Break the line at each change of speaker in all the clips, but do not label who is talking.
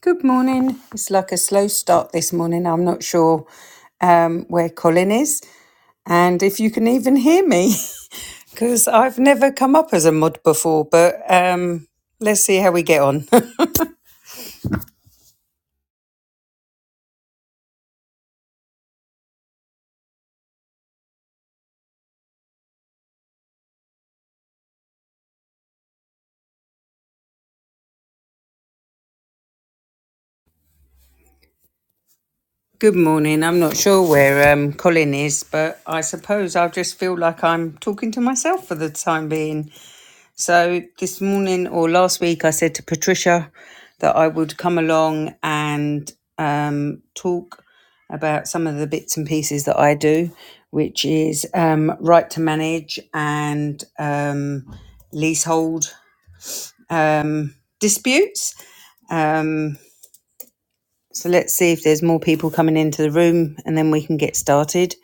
Good morning. It's like a slow start this morning. I'm not sure um, where Colin is and if you can even hear me because I've never come up as a mod before, but um, let's see how we get on. Good morning. I'm not sure where um, Colin is, but I suppose I just feel like I'm talking to myself for the time being. So this morning or last week, I said to Patricia that I would come along and um, talk about some of the bits and pieces that I do, which is um, right to manage and um, leasehold um, disputes. Um, so let's see if there's more people coming into the room, and then we can get started.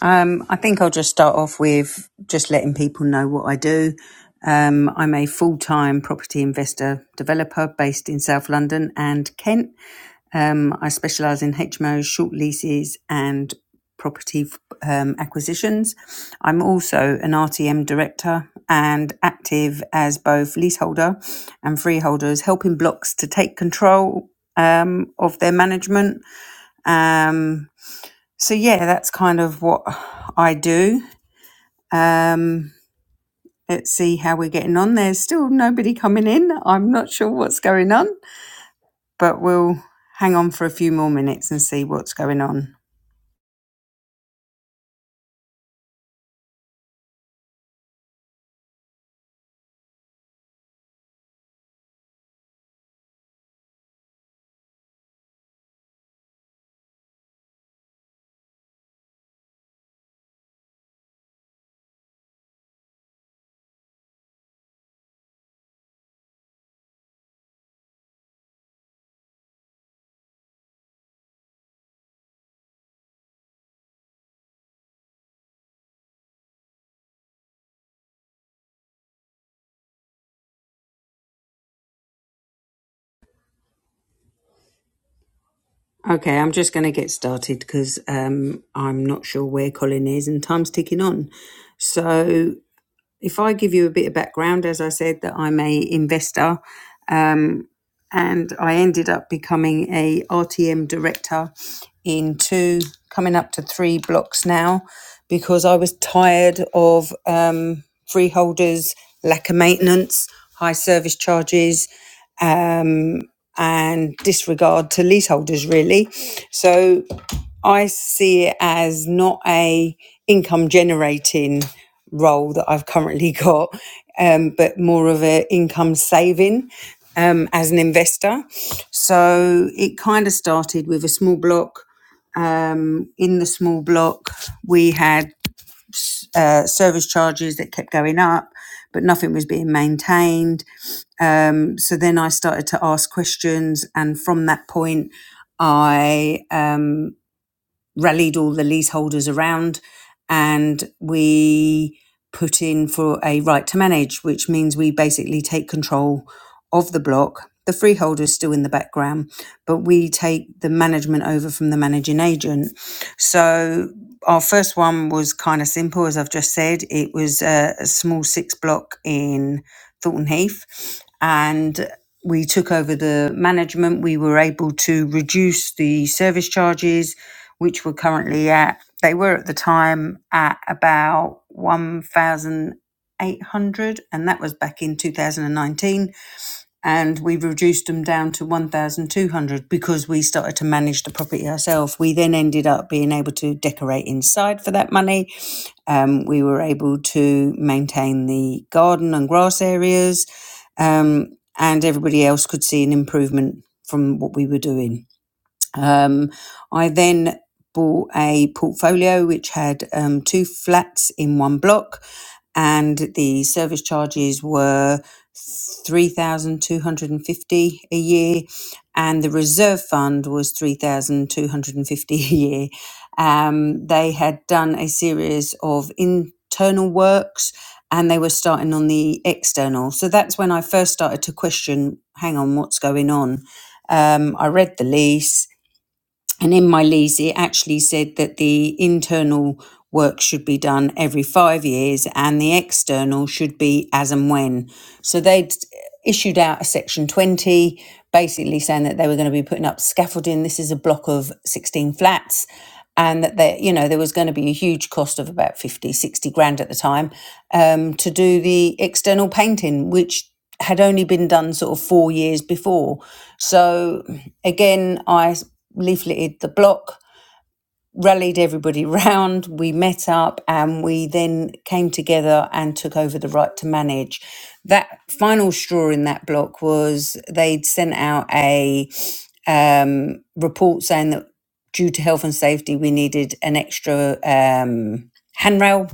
Um, I think I'll just start off with just letting people know what I do. Um, I'm a full time property investor developer based in South London and Kent. Um, I specialise in HMOs, short leases, and property um, acquisitions. I'm also an RTM director and active as both leaseholder and freeholders, helping blocks to take control um, of their management. Um, so yeah, that's kind of what I do. Um, let's see how we're getting on. There's still nobody coming in. I'm not sure what's going on, but we'll hang on for a few more minutes and see what's going on. Okay, I'm just going to get started because um, I'm not sure where Colin is and time's ticking on. So if I give you a bit of background, as I said, that I'm a investor and I ended up becoming a R T M director in two, coming up to three blocks now, because I was tired of um, freeholders' lack of maintenance, high service charges, um, and disregard to leaseholders. Really, so I see it as not a income generating role that I've currently got, um, but more of an income saving um, as an investor. So it kind of started with a small block. Um, in the small block, we had uh, service charges that kept going up, but nothing was being maintained. Um, so then I started to ask questions, and from that point, I um, rallied all the leaseholders around and we put in for a right to manage, which means we basically take control of the block. The freeholder is still in the background, but we take the management over from the managing agent. So our first one was kind of simple, as I've just said. It was a, a small six block in Thornton Heath, and we took over the management. We were able to reduce the service charges which we're currently at. They were at the time at about 1,800, and that was back in 2019. And we reduced them down to 1,200 because we started to manage the property ourselves. We then ended up being able to decorate inside for that money. Um, we were able to maintain the garden and grass areas, um, and everybody else could see an improvement from what we were doing. Um, I then bought a portfolio which had um, two flats in one block, and the service charges were three thousand two hundred and fifty dollars a year, and the reserve fund was three thousand two hundred and fifty dollars a year. Um, they had done a series of internal works. And they were starting on the external. So that's when I first started to question hang on, what's going on? Um, I read the lease and in my lease, it actually said that the internal work should be done every five years and the external should be as and when. So they'd issued out a section 20, basically saying that they were going to be putting up scaffolding. This is a block of 16 flats. And that there, you know, there was going to be a huge cost of about 50, 60 grand at the time um, to do the external painting, which had only been done sort of four years before. So again, I leafleted the block, rallied everybody round, we met up, and we then came together and took over the right to manage. That final straw in that block was they'd sent out a um, report saying that due to health and safety, we needed an extra um, handrail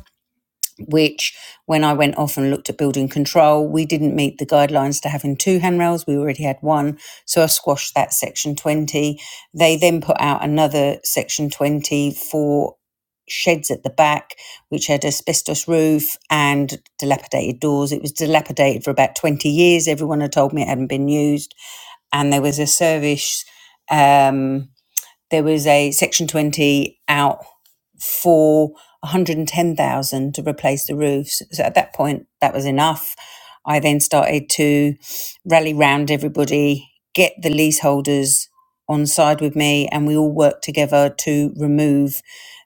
which when I went off and looked at building control, we didn't meet the guidelines to having two handrails. We already had one. So I squashed that section 20. They then put out another section 20 for sheds at the back, which had asbestos roof and dilapidated doors. It was dilapidated for about 20 years. Everyone had told me it hadn't been used. And there was a service. Um, there was a Section 20 out for 110,000 to replace the roofs. So at that point, that was enough. I then started to rally round everybody, get the leaseholders on side with me, and we all worked together to remove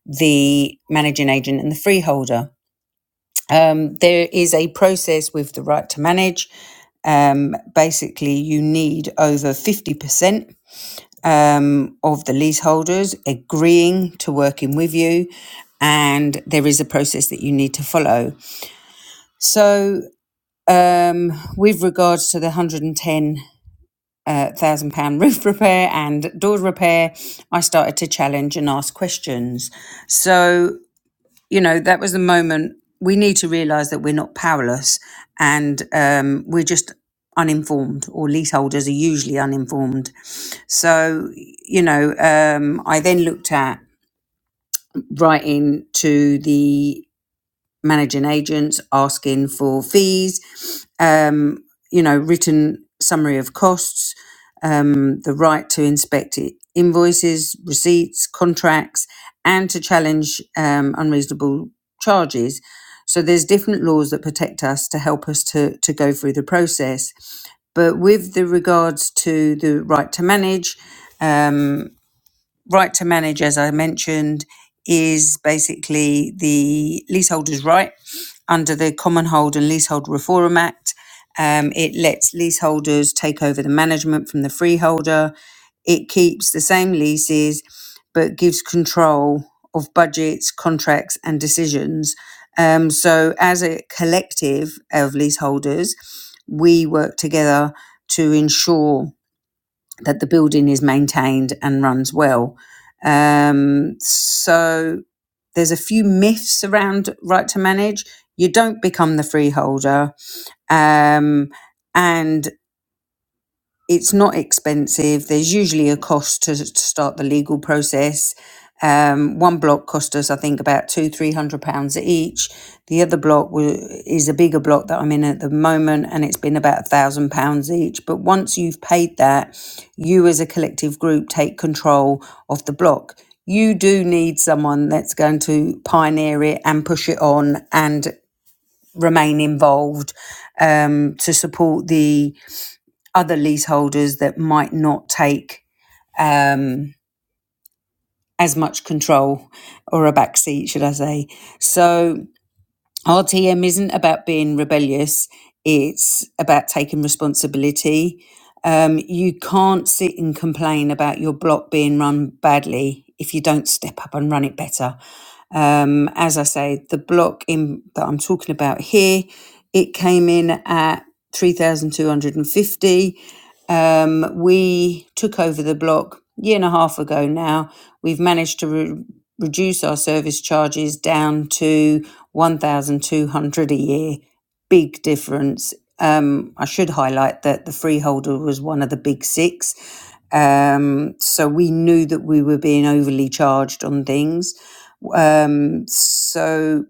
the managing agent and the freeholder. Um, there is a process with the right to manage. Um, basically, you need over 50% um, of the leaseholders agreeing to working with you, and there is a process that you need to follow. So, um, with regards to the £110,000 pound roof repair and door repair, I started to challenge and ask questions. So, you know, that was the moment we need to realize that we're not powerless and um, we're just uninformed, or leaseholders are usually uninformed. So, you know, um, I then looked at writing to the managing agents asking for fees, um, you know, written summary of costs, um, the right to inspect i- invoices, receipts, contracts, and to challenge um, unreasonable charges. So there's different laws that protect us to help us to to go through the process. But with the regards to the right to manage, um, right to manage, as I mentioned, is basically the leaseholder's right under the Common Hold and Leasehold Reform Act. Um, it lets leaseholders take over the management from the freeholder. It keeps the same leases but gives control of budgets, contracts, and decisions. Um, so, as a collective of leaseholders, we work together to ensure that the building is maintained and runs well. Um, so there's a few myths around right to manage. You don't become the freeholder, um, and it's not expensive. There's usually a cost to, to start the legal process. Um, one block cost us, I think, about two, three hundred pounds each. The other block wa- is a bigger block that I'm in at the moment, and it's been about a thousand pounds each. But once you've paid that, you as a collective group take control of the block. You do need someone that's going to pioneer it and push it on and remain involved um, to support the other leaseholders that might not take um, as much control or a backseat, should I say. So RTM isn't about being rebellious, it's about taking responsibility. Um, you can't sit and complain about your block being run badly if you don't step up and run it better. Um, as I say, the block in that I'm talking about here, it came in at 3,250. Um, we took over the block a year and a half ago now. We've managed to re- reduce our service charges down to 1,200 a year. Big difference. Um, I should highlight that the freeholder was one of the big six. Um, so we knew that we were being overly charged on things um, so,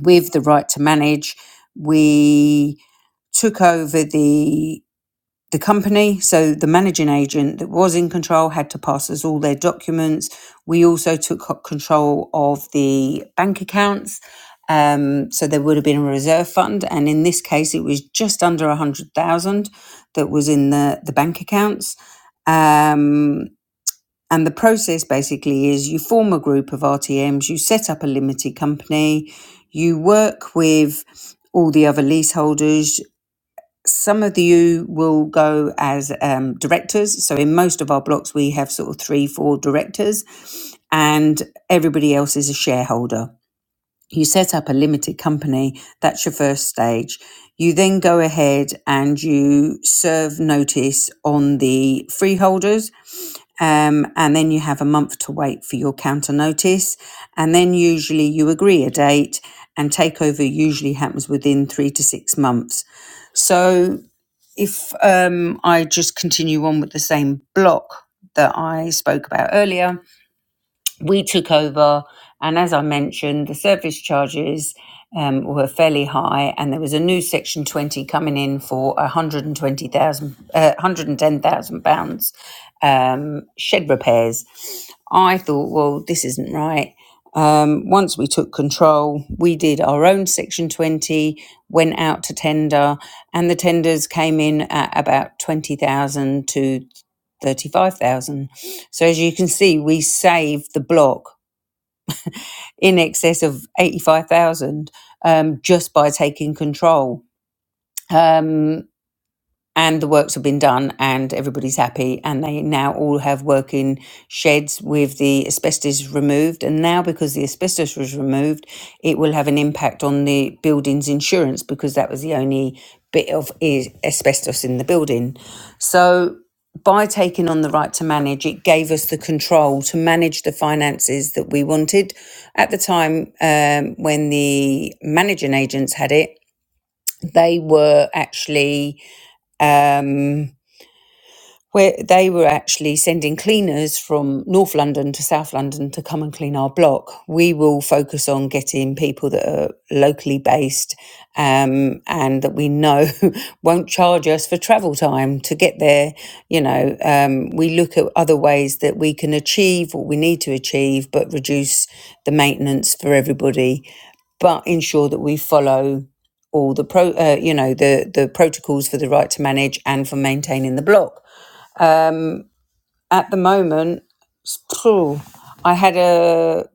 with the right to manage, we took over the the company. So, the managing agent that was in control had to pass us all their documents. We also took control of the bank accounts. Um, so there would have been a reserve fund, and in this case, it was just under a hundred thousand that was in the the bank accounts. Um, and the process basically is you form a group of RTMs, you set up a limited company, you work with all the other leaseholders. Some of you will go as um, directors. So in most of our blocks, we have sort of three, four directors, and everybody else is a shareholder you set up a limited company that's your first stage you then go ahead and you serve notice on the freeholders um, and then you have a month to wait for your counter notice and then usually you agree a date and takeover usually happens within three to six months so if um, i just continue on with the same block that i spoke about earlier we took over, and as I mentioned, the service charges um, were fairly high, and there was a new Section 20 coming in for 120,000, uh, 110,000 pounds um, shed repairs. I thought, well, this isn't right. Um, once we took control, we did our own Section 20, went out to tender, and the tenders came in at about 20,000 to 35,000. So as you can see, we saved the block in excess of 85,000 um, just by taking control. Um, and the works have been done and everybody's happy and they now all have working sheds with the asbestos removed and now because the asbestos was removed it will have an impact on the building's insurance because that was the only bit of asbestos in the building so by taking on the right to manage, it gave us the control to manage the finances that we wanted. At the time um, when the managing agents had it, they were actually um, where they were actually sending cleaners from North London to South London to come and clean our block. We will focus on getting people that are locally based um, and that we know won't charge us for travel time to get there. You know, um, we look at other ways that we can achieve what we need to achieve, but reduce the maintenance for everybody, but ensure that we follow all the pro, uh, you know, the the protocols for the right to manage and for maintaining the block at the moment, I had a,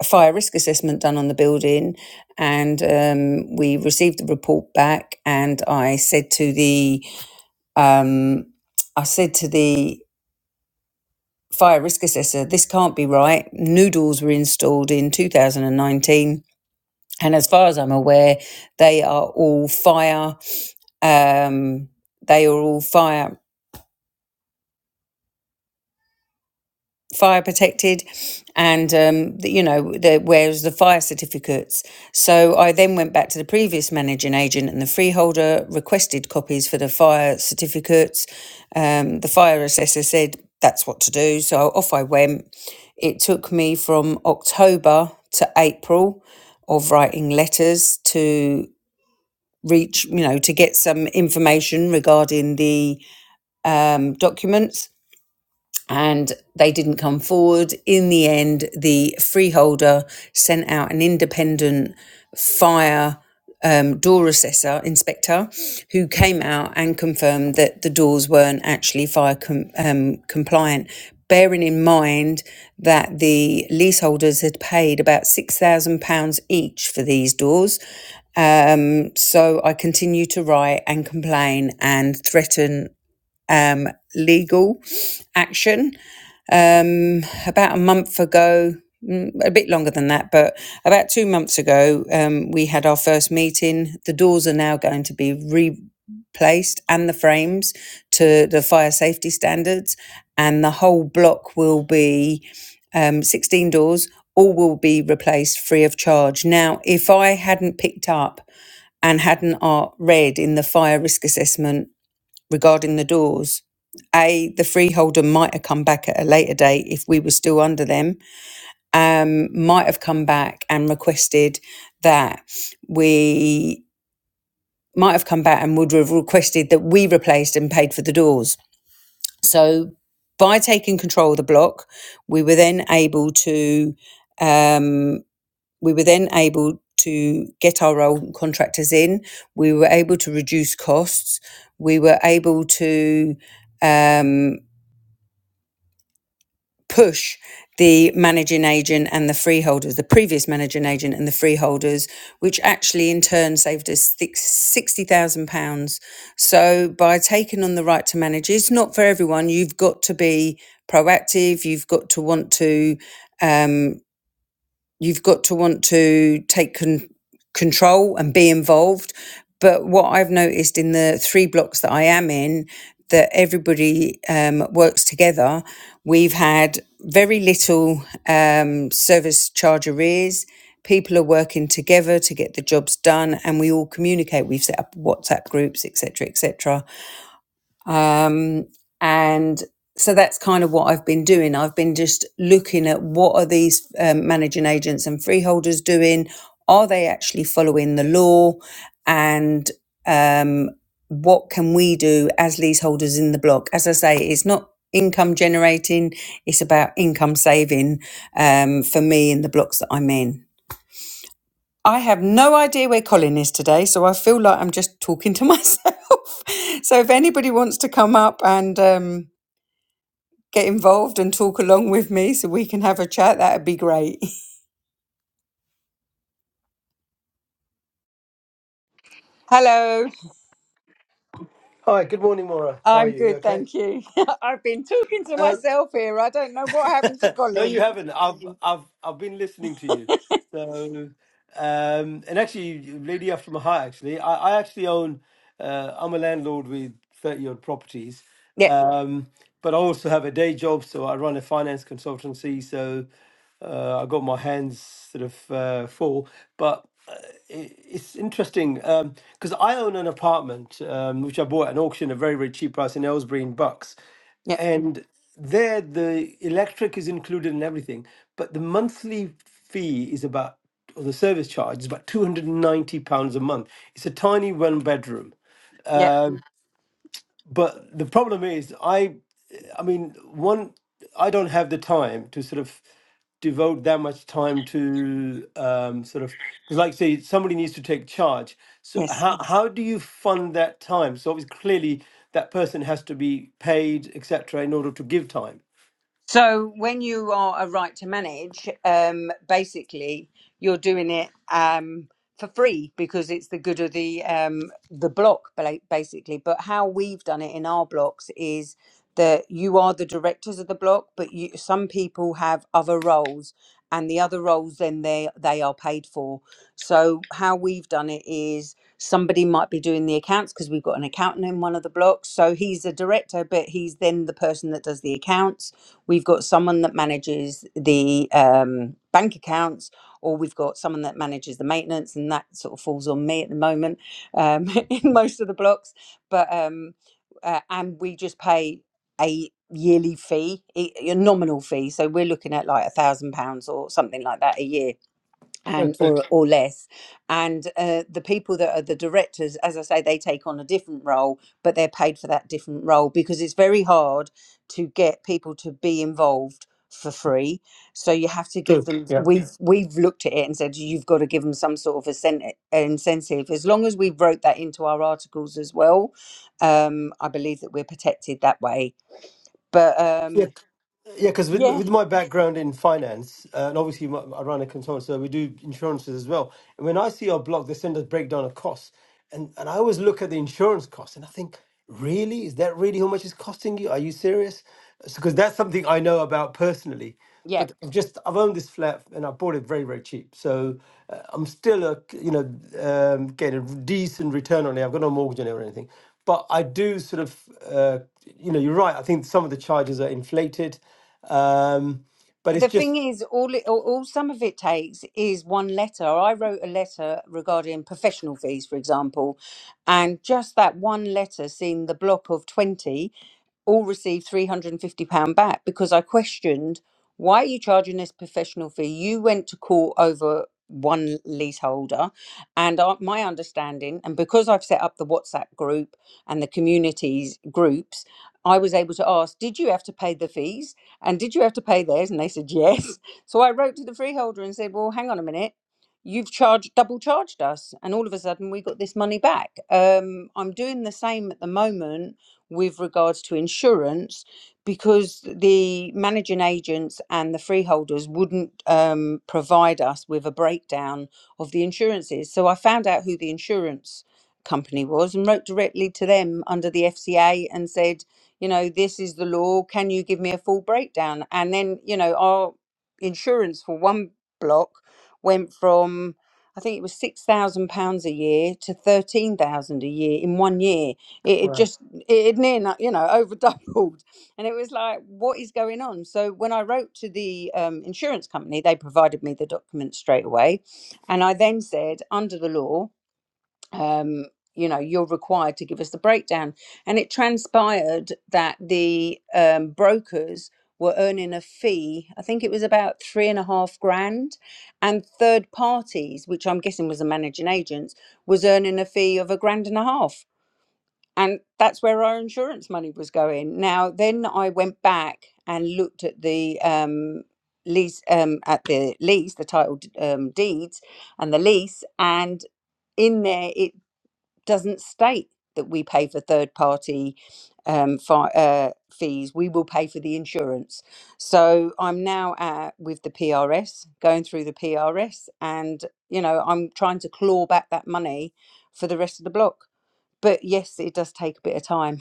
a fire risk assessment done on the building, and um, we received the report back. And I said to the, um, I said to the fire risk assessor, "This can't be right. Noodles were installed in 2019, and as far as I'm aware, they are all fire." Um, they are all fire. fire protected and um, the, you know the, where's the fire certificates so i then went back to the previous managing agent and the freeholder requested copies for the fire certificates um, the fire assessor said that's what to do so off i went it took me from october to april of writing letters to reach you know to get some information regarding the um, documents and they didn't come forward. In the end, the freeholder sent out an independent fire um, door assessor inspector who came out and confirmed that the doors weren't actually fire com- um, compliant. Bearing in mind that the leaseholders had paid about £6,000 each for these doors. Um, so I continue to write and complain and threaten um, legal action um, about a month ago, mm, a bit longer than that, but about two months ago, um, we had our first meeting. The doors are now going to be replaced and the frames to the fire safety standards, and the whole block will be um, 16 doors. All will be replaced free of charge. Now, if I hadn't picked up and hadn't uh, read in the fire risk assessment regarding the doors. A, the freeholder might have come back at a later date if we were still under them, um, might have come back and requested that we might have come back and would have requested that we replaced and paid for the doors. So by taking control of the block, we were then able to um, we were then able to get our own contractors in. We were able to reduce costs. We were able to um, push the managing agent and the freeholders, the previous managing agent and the freeholders, which actually in turn saved us 60000 £60,000. So by taking on the right to manage, it's not for everyone. You've got to be proactive, you've got to want to. um, you've got to want to take con- control and be involved. But what I've noticed in the three blocks that I am in, that everybody um, works together. We've had very little um, service charge arrears. People are working together to get the jobs done, and we all communicate. We've set up WhatsApp groups, etc., etc. And so that's kind of what I've been doing. I've been just looking at what are these um, managing agents and freeholders doing? Are they actually following the law? And um, what can we do as leaseholders in the block? As I say, it's not income generating, it's about income saving um, for me in the blocks that I'm in. I have no idea where Colin is today, so I feel like I'm just talking to myself. so if anybody wants to come up and um, get involved and talk along with me so we can have a chat, that'd be great. Hello,
Hi, good morning, Maura. How are
I'm
you? You
good,
okay?
thank you. I've been talking to
Um,
myself here. I don't know what happened to
no, you
Colin.
haven't. I've I've I've been listening to you. So, um, and actually, lady after my heart. Actually, I, I actually own. Uh, I'm a landlord with thirty odd properties,
Yep,
um, but I also have a day job. So I run a finance consultancy. So uh, I got my hands sort of uh, full. But uh, i- it's interesting because I own an apartment um, which I bought at an auction at a very, very cheap price in Aylesbury in Bucks.
yep,
And there, the electric is included in everything, but the monthly fee is about, or the service charge is about £290 a month. It's a tiny one bedroom
yep.
but the problem is i i mean one i don't have the time to sort of devote that much time to um sort of because like say somebody needs to take charge so
Yes.
how how do you fund that time so obviously clearly that person has to be paid etc in order to give time
So when you are a right to manage, um, basically you're doing it um, for free because it's the good of the um, the block, bla- basically. But how we've done it in our blocks is that you are the directors of the block, but you, some people have other roles, and the other roles then they they are paid for. So how we've done it is somebody might be doing the accounts because we've got an accountant in one of the blocks, so he's a director, but he's then the person that does the accounts We've got someone that manages the um, bank accounts, or we've got someone that manages the maintenance, and that sort of falls on me at the moment um, in most of the blocks. But um, uh, and we just pay a yearly fee, a a nominal fee. So we're looking at like a thousand pounds or something like that a year and
That's true,
or or less and uh, the people that are the directors as i say they take on a different role but they're paid for that different role because it's very hard to get people to be involved for free so you have to give them
true.
we've we've looked at it and said you've got to give them some sort of incen- incentive as long as we wrote that into our articles as well um i believe that we're protected that way but
Yeah,
um
yeah. Because with
yeah
with my background in finance, uh, and obviously my, I run a consultant, so we do insurances as well. And when I see our blog, they send us breakdown of costs, and and I always look at the insurance costs, and I think, really, is that really how much it's costing you? Are you serious? Because that's something I know about personally
yeah
but I've just I've owned this flat and I bought it very very cheap. So uh, I'm still a you know um, getting a decent return on it. I've got no mortgage on it or anything, but I do sort of uh, you know you're right. I think some of the charges are inflated, um, but it's
the thing
just
is all, it, all all some of it takes is one letter i wrote a letter regarding professional fees for example and just that one letter seeing the block of 20 all received £350 back because I questioned why are you charging this professional fee? You went to court over one leaseholder, and uh, my understanding, and because I've set up the WhatsApp group and the communities groups, I was able to ask, Did you have to pay the fees? And did you have to pay theirs? And they said, Yes. So I wrote to the freeholder and said, Well, hang on a minute. You've charged double charged us, and all of a sudden we got this money back. Um, I'm doing the same at the moment with regards to insurance because the managing agents and the freeholders wouldn't um, provide us with a breakdown of the insurances. So I found out who the insurance company was and wrote directly to them under the FCA and said, you know, this is the law. Can you give me a full breakdown? And then, you know, our insurance for one block went from I think it was six thousand pounds a year to thirteen thousand a year in one year. It, it just it had near enough, you know, over doubled. And it was like, what is going on? So when I wrote to the um, insurance company, they provided me the documents straight away. And I then said, under the law, um, you know, you're required to give us the breakdown. And it transpired that the um, brokers were earning a fee. I think it was about three and a half grand. And third parties, which I'm guessing was the managing agents, was earning a fee of a grand and a half and that's where our insurance money was going. Now, then I went back and looked at the um, lease, um, at the lease, the title d- um, deeds, and the lease, and in there it doesn't state that we pay for third party um, fi- uh, fees. We will pay for the insurance. So I'm now at, with the PRS, going through the PRS, and you know I'm trying to claw back that money for the rest of the block but yes, it does take a bit of time.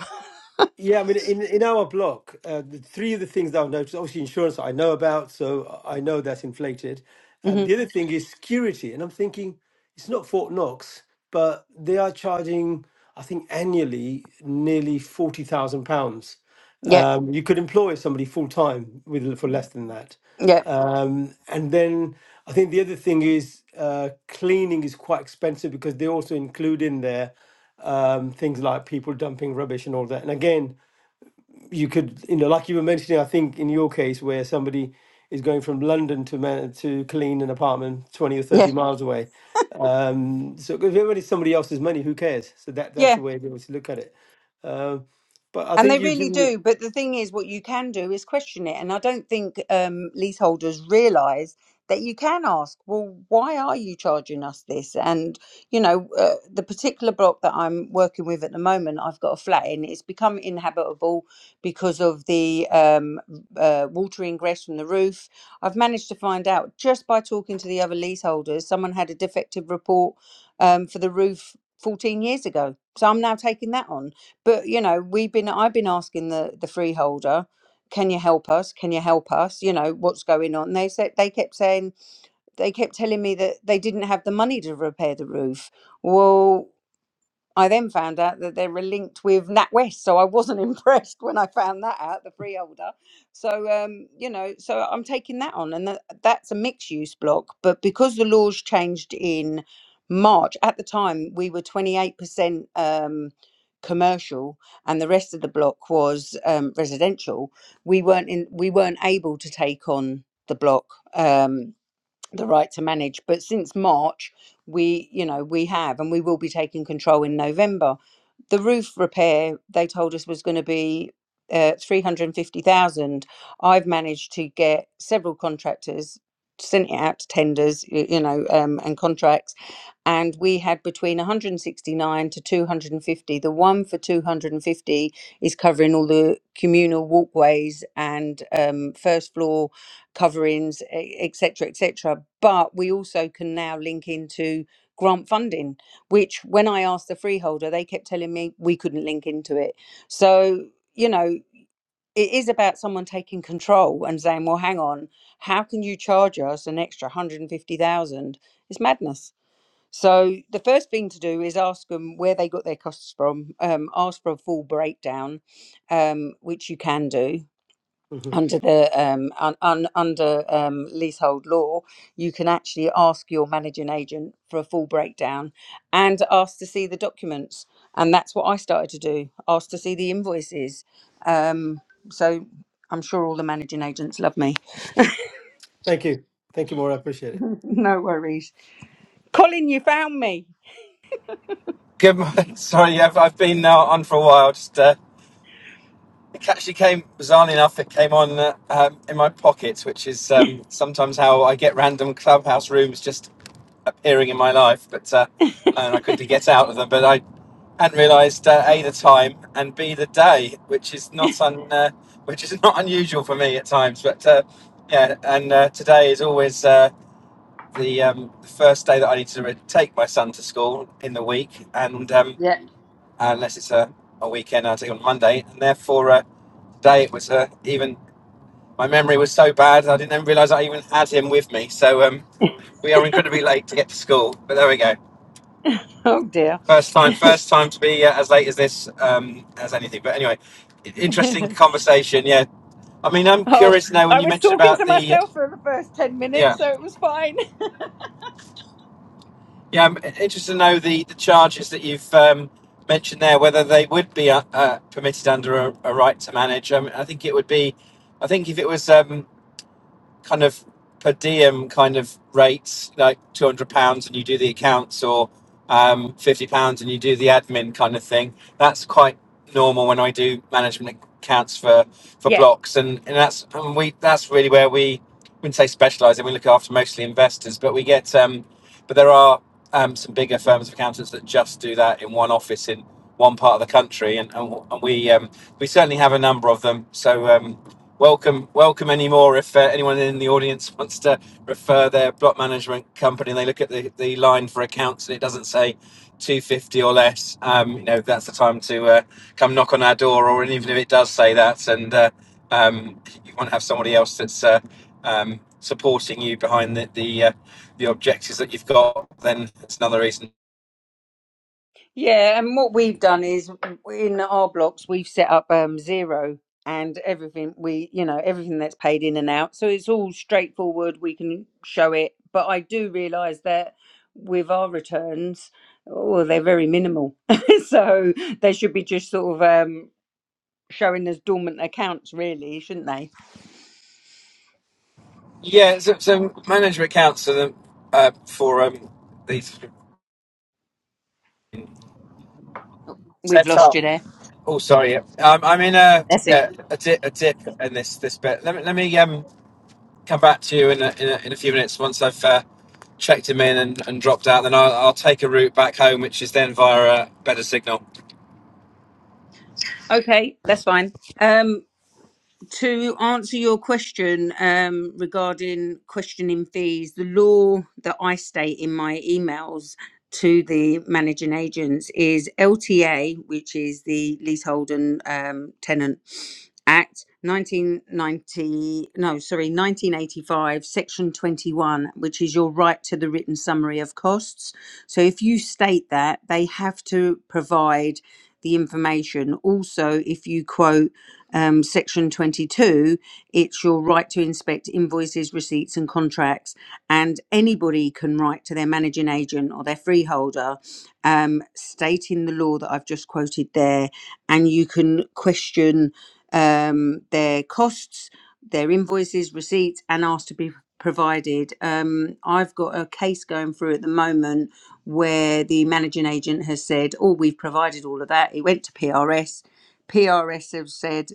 Yeah, I mean, in in our block, uh, the three of the things that I've noticed, obviously insurance I know about, so I know that's inflated. Um,
hmm
the other thing is security, and I'm thinking it's not Fort Knox, but they are charging, I think, annually nearly forty thousand pounds.
Yeah,
Um, you could employ somebody full time with for less than that.
yeah,
Um, and then I think the other thing is uh, cleaning is quite expensive because they also include in there um, things like people dumping rubbish and all that. And again, you could, you know, like you were mentioning, I think in your case where somebody is going from London to man- to clean an apartment 20 or
yeah,
30 miles away. Um, so if everybody's somebody else's money, who cares? So that that's
yeah.
the way we always look at it. Um, but I
And
think
they
you give
really
me.
do. But the thing is, what you can do is question it. And I don't think um, leaseholders realise that you can ask, well, why are you charging us this? And, you know, uh, the particular block that I'm working with at the moment, I've got a flat in, it's become inhabitable because of the um, uh, water ingress from the roof. I've managed to find out just by talking to the other leaseholders, someone had a defective report um, for the roof 14 years ago. So I'm now taking that on but you know we've been i've been asking the the freeholder can you help us can you help us you know what's going on they said they kept saying they kept telling me that they didn't have the money to repair the roof well I then found out that they were linked with NatWest, so I wasn't impressed when I found that out, the freeholder. So, um, you know, so I'm taking that on, and that, that's a mixed use block. But because the laws changed in March, at the time we were 28% um, commercial, and the rest of the block was um, residential. We weren't in, we weren't able to take on the block. Um, the right to manage. But since March, we, you know, we have, and we will be taking control in November. The roof repair they told us was going to be uh, three hundred and fifty thousand. I've managed to get several contractors sent it out to tenders, y- you know, um, and contracts and we had between 169 to 250. The one for 250 is covering all the communal walkways and um, first floor coverings, etc., etc. But we also can now link into grant funding, which when I asked the freeholder, they kept telling me we couldn't link into it. So you know. It is about someone taking control and saying, "Well, hang on, how can you charge us an extra 150,000? It's madness." So the first thing to do is ask them where they got their costs from. Um, ask for a full breakdown, um, which you can do
Mhm.
under the um, un, un, under um, leasehold law. You can actually ask your managing agent for a full breakdown and ask to see the documents. And that's what I started to do. Ask to see the invoices. Um, so I'm sure all the managing agents love me.
Thank you. Thank you, Maura. I appreciate it.
no worries, Colin. You found me.
Good morning. Sorry, yeah, I've, I've been now on for a while. Just uh, it actually came bizarrely enough. It came on uh, um, in my pocket, which is um, sometimes how I get random clubhouse rooms just appearing in my life. But uh, and I quickly get out of them. But I hadn't realised uh, a the time and b the day, which is not un, uh, which is not unusual for me at times. But uh, yeah, and uh, today is always uh, the um, first day that I need to re- take my son to school in the week, and. Um,
Yeah.
uh, unless it's a, a weekend. I'll take it on Monday, and therefore uh, today it was uh, even. My memory was so bad I didn't even realise I even had him with me. So um, we are incredibly late to get to school, but there we go.
Oh dear.
First time, first time to be uh, as late as this um, as anything. But anyway, interesting conversation. Yeah, I mean, I'm
Oh,
curious now when
I
you
was
mentioned
talking
about
to
the
myself for the first 10
yeah.
minutes, so it was fine.
Yeah, I'm interested to know the, the charges that you've um, mentioned there, whether they would be uh, uh, permitted under a, a right to manage. Um, I think it would be, I think if it was um, kind of per diem kind of rates, like two hundred pounds, and you do the accounts, or um, fifty pounds and you do the admin kind of thing. That's quite normal when I do management accounts for for
Yeah.
blocks, and and that's and we that's really where we wouldn't say specialise, and we look after mostly investors, but we get um, but there are um, some bigger firms of accountants that just do that in one office in one part of the country, and and, and we um, we certainly have a number of them. So. Um, welcome welcome anymore if uh, anyone in the audience wants to refer their block management company and they look at the, the line for accounts and it doesn't say 250 or less um, you know that's the time to uh, come knock on our door or even if it does say that and uh, um, you want to have somebody else that's uh, um, supporting you behind the the, uh, the objectives that you've got then it's another reason
Yeah. And what we've done is in our blocks, we've set up um, zero and everything we, you know, everything that's paid in and out. So it's all straightforward. We can show it. But I do realize that with our returns, oh, they're very minimal. so they should be just sort of um, showing as dormant accounts, really, shouldn't they?
yeah so, so management accounts are the, uh, for um, these
We've
set
lost
up
you there.
Oh, sorry. Um, I'm in a
That's it.
yeah, a dip, a dip in this this bit. Let me let me um come back to you in a, in a, in a few minutes once I've uh, checked him in and, and dropped out. Then I'll, I'll take a route back home, which is then via a better signal. Do
Okay. That's fine. Um, to answer your question um, regarding questioning fees, the law that I state in my emails to the managing agents is LTA, which is the Leasehold and um, Tenant Act 1990, no, sorry, 1985, Section 21, which is your right to the written summary of costs. So if you state that, they have to provide the information. Also, if you quote um, section 22, it's your right to inspect invoices, receipts, and contracts. And anybody can write to their managing agent or their freeholder, um, stating the law that I've just quoted there. And you can question um, their costs, their invoices, receipts, and ask to be provided. Um, I've got a case going through at the moment where the managing agent has said, Oh, we've provided all of that. It went to PRS. PRS have said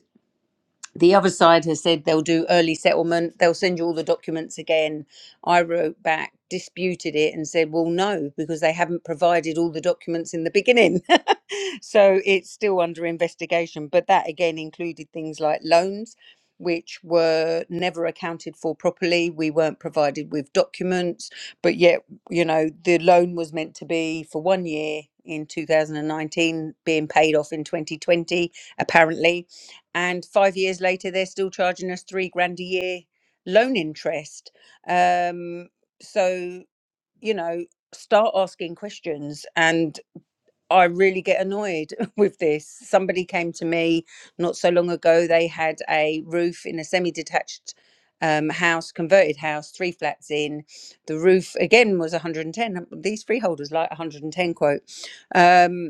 the other side has said they'll do early settlement they'll send you all the documents again i wrote back disputed it and said well no because they haven't provided all the documents in the beginning so it's still under investigation but that again included things like loans which were never accounted for properly we weren't provided with documents but yet you know the loan was meant to be for one year in 2019 being paid off in 2020 apparently and five years later they're still charging us three grand a year loan interest um so you know start asking questions and i really get annoyed with this somebody came to me not so long ago they had a roof in a semi-detached um, house converted house three flats in the roof again was 110 these freeholders like 110 quote Um,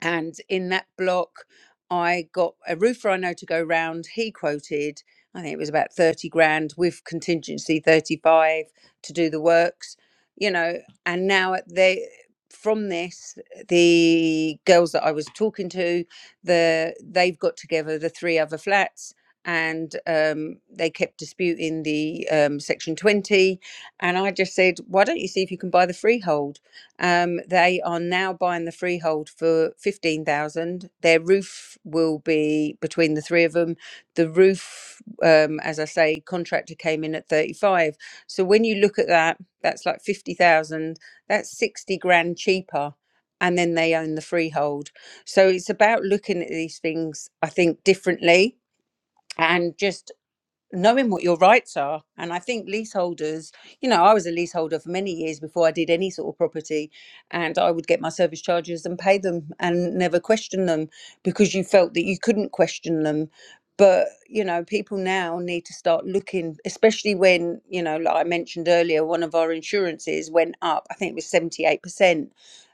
and in that block i got a roofer i know to go round he quoted i think it was about 30 grand with contingency 35 to do the works you know and now at the from this the girls that i was talking to the they've got together the three other flats and um, they kept disputing the um, section 20 and i just said why don't you see if you can buy the freehold um, they are now buying the freehold for fifteen thousand. Their roof will be between the three of them. The roof, um, as I say, contractor came in at thirty-five. So when you look at that, that's like fifty thousand. That's sixty grand cheaper, and then they own the freehold. So it's about looking at these things, I think, differently, and just knowing what your rights are. And I think leaseholders, you know, I was a leaseholder for many years before I did any sort of property, and I would get my service charges and pay them and never question them because you felt that you couldn't question them. But, you know, people now need to start looking, especially when, you know, like I mentioned earlier, one of our insurances went up, I think it was 78%.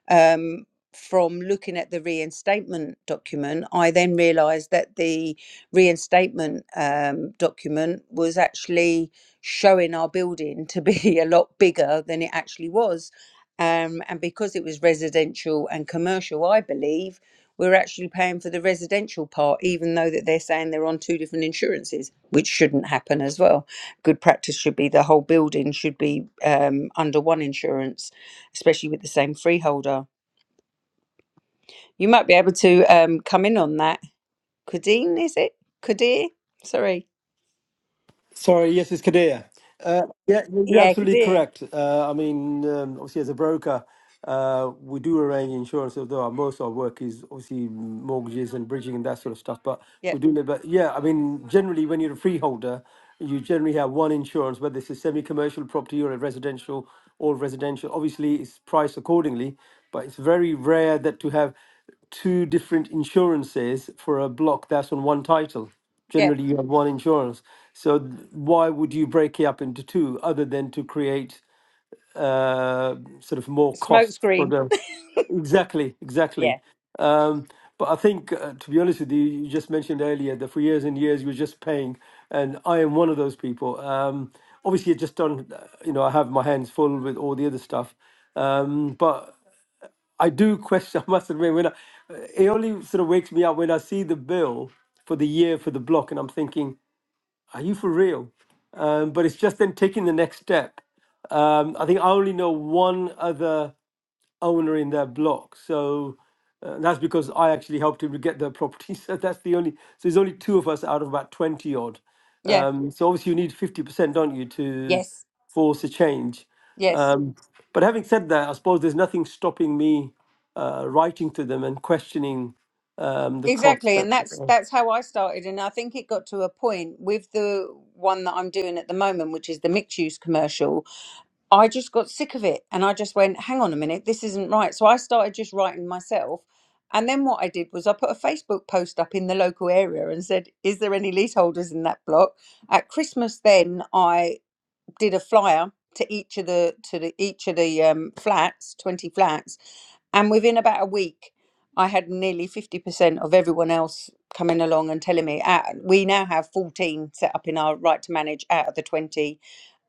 Um, from looking at the reinstatement document, I then realised that the reinstatement um, document was actually showing our building to be a lot bigger than it actually was. Um, and because it was residential and commercial, I believe we're actually paying for the residential part, even though that they're saying they're on two different insurances, which shouldn't happen as well. Good practice should be the whole building should be um, under one insurance, especially with the same freeholder. You might be able to um, come in on that. Kadeen, is it? Kadir? Sorry.
Sorry, yes, it's Kadir. Uh, yeah, you- you're
Yeah,
absolutely
Kadir.
correct. Uh, I mean, um, obviously, as a broker, uh, we do arrange insurance, although our- most of our work is obviously mortgages and bridging and that sort of stuff. But
Yeah,
we do, but yeah, I mean, generally, when you're a freeholder, you generally have one insurance, whether it's a semi-commercial property or a residential or residential. Obviously, it's priced accordingly, but it's very rare that to have two different insurances for a block that's on one title.
yeah.
Generally, you have one insurance. So th- why would you break it up into two other than to create uh, sort of more
Smoke
costs for
screen.
the Exactly, exactly.
Yeah.
Um, but I think, uh, to be honest with you, you just mentioned earlier that for years and years you were just paying, and I am one of those people. Um, obviously, I just don't, uh, you know, I have my hands full with all the other stuff. Um, but I do question. I must admit, when I, it only sort of wakes me up when I see the bill for the year for the block, and I'm thinking, "Are you for real?" Um, but it's just then taking the next step. Um, I think I only know one other owner in that block. So uh, that's because I actually helped him to get the property. So that's the only. So there's only two of us out of about twenty odd.
Yeah.
Um, so obviously you need fifty percent, don't you, to
Yes.
force a change?
Yes.
Um, but having said that, I suppose there's nothing stopping me uh, writing to them and questioning um, the cost.
Exactly.
That,
And that's
uh,
that's how I started. And I think it got to a point with the one that I'm doing at the moment, which is the mixed use commercial. I just got sick of it and I just went, hang on a minute, this isn't right. So I started just writing myself. And then what I did was I put a Facebook post up in the local area and said, Is there any leaseholders in that block? At Christmas then I did a flyer to each of the to the each of the um, flats, twenty flats, and within about a week, I had nearly fifty percent of everyone else coming along and telling me. Uh, we now have fourteen set up in our right to manage out of the twenty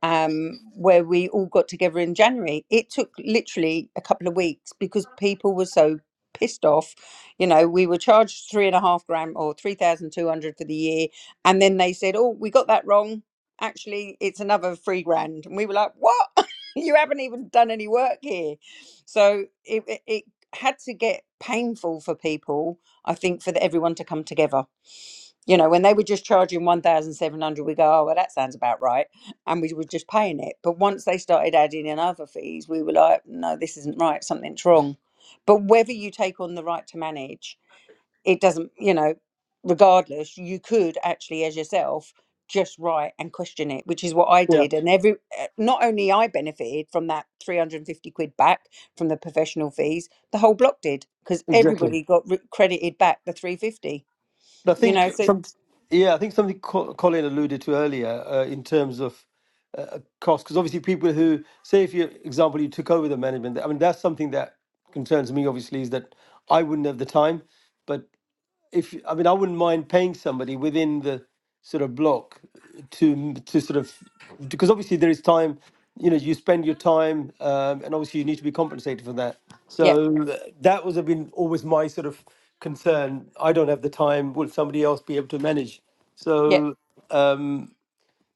um, where we all got together in January. It took literally a couple of weeks because people were so pissed off. You know, we were charged three and a half grand or 3,200 for the year. And then they said, oh, we got that wrong. Actually, it's another three grand. And we were like, what? you haven't even done any work here. So it, it, it had to get painful for people, I think, for the, everyone to come together you know, when they were just charging 1,700, we go, oh, well, that sounds about right. And we were just paying it. But once they started adding in other fees, we were like, no, this isn't right. Something's wrong. But whether you take on the right to manage, it doesn't, you know, regardless, you could actually, as yourself, just write and question it, which is what I
yeah,
did. And every, eh, not only I benefited from that 350 quid back from the professional fees, the whole block did because
exactly.
everybody got re- credited back the 350,
I
you know,
think.
so.
Yeah, I think something Co- Colin alluded to earlier uh, in terms of uh, uh, cost, because obviously people who say, if you example, you took over the management. I mean, that's something that concerns me. Obviously, is that I wouldn't have the time, but if I mean, I wouldn't mind paying somebody within the sort of block to to sort of because obviously there is time. You know, you spend your time, um, and obviously you need to be compensated for that.
yeah.
So uh, that was have been always my sort of concern. I don't have the time. Will somebody else be able to manage?
Yeah.
So um,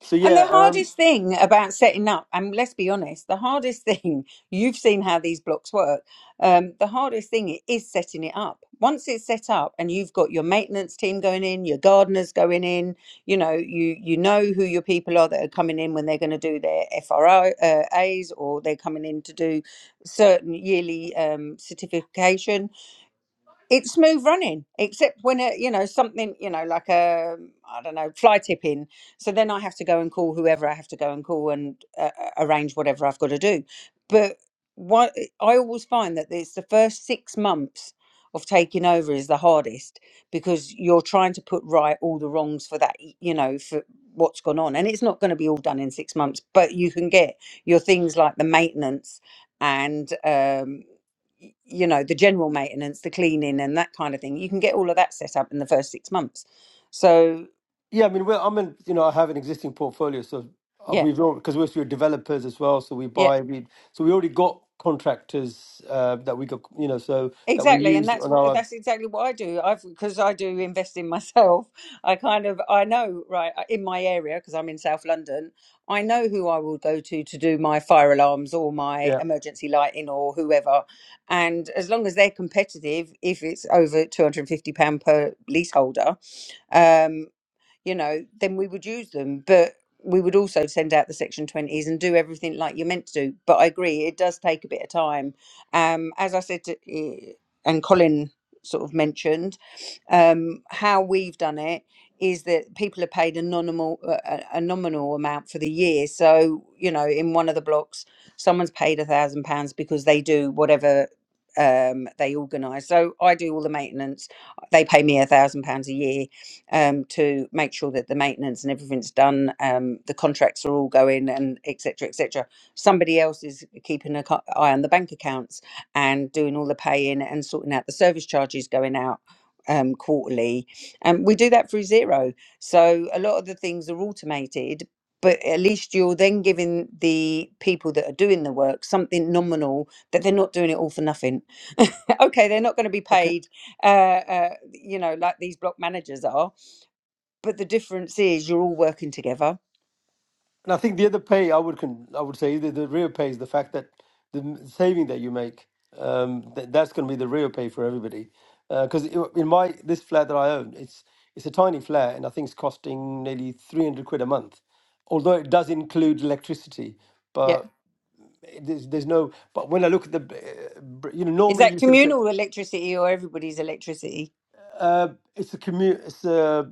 so
And
yeah.
the
Um,
hardest thing about setting up, and let's be honest, the hardest thing, you've seen how these blocks work. Um, the hardest thing i- is setting it up. Once it's set up and you've got your maintenance team going in, your gardeners going in, you know, you you know who your people are that are coming in when they're going to do their FRO uh, A's or they're coming in to do certain yearly um, certification it's smooth running except when it you know something you know like a i don't know fly tipping so then i have to go and call whoever i have to go and call and uh, uh, arrange whatever i've got to do but what i always find that it's the first six months of taking over is the hardest because you're trying to put right all the wrongs for that y- you know for what's gone on and it's not going to be all done in six months but you can get your things like the maintenance and um y- you know the general maintenance the cleaning and that kind of thing you can get all of that set up in the first six months so
Yeah, I mean, we're, I'm in, you know, I have an existing portfolio, so uh,
yeah
we've because we're also developers as well, so we
yeah
buy, we so we already got contractors uh, that we got, you know, so that we
exactly and
use
that's
on
what
our
that's exactly what i do i've because i do invest in myself i kind of i know right in my area because i'm in south london i know who i will go to to do my fire alarms or my
yeah.
emergency lighting or whoever and as long as they're competitive if it's over 250 pound per leaseholder um. you know, then we would use them. But we would also send out the section 20s and do everything like you're meant to do. But I agree, it does take a bit of time. Um, as I said, to, eh, and Colin sort of mentioned, um, how we've done it is that people are paid a nominal, a, a a nominal amount for the year. So, you know, in one of the blocks, someone's paid a thousand pounds because they do whatever um they organize so i do all the maintenance they pay me a thousand pounds a year um, to make sure that the maintenance and everything's done, um, the contracts are all going, and etc. Cetera, etc. Somebody else is keeping an eye on the bank accounts and doing all the paying and sorting out the service charges going out um, quarterly. And we do that through zero. So a lot of the things are automated. But at least you're then giving the people that are doing the work something nominal that they're not doing it all for nothing. okay, they're not going to be
Okay,
paid, uh, uh, you know, like these block managers are but the difference is you're all working together.
and I think the other pay I would con, I would say the, the real pay is the fact that the m- saving that you make, um, that that's going to be the real pay for everybody, because in my this flat that I own, it's it's a tiny flat, and I think it's costing nearly three hundred quid a month, although it does include electricity,
Yeah.
but there's there's no but when i look at the uh, br- you know
Is
normally
that
you sort of say
communal electricity or everybody's electricity?
uh it's a commu it's a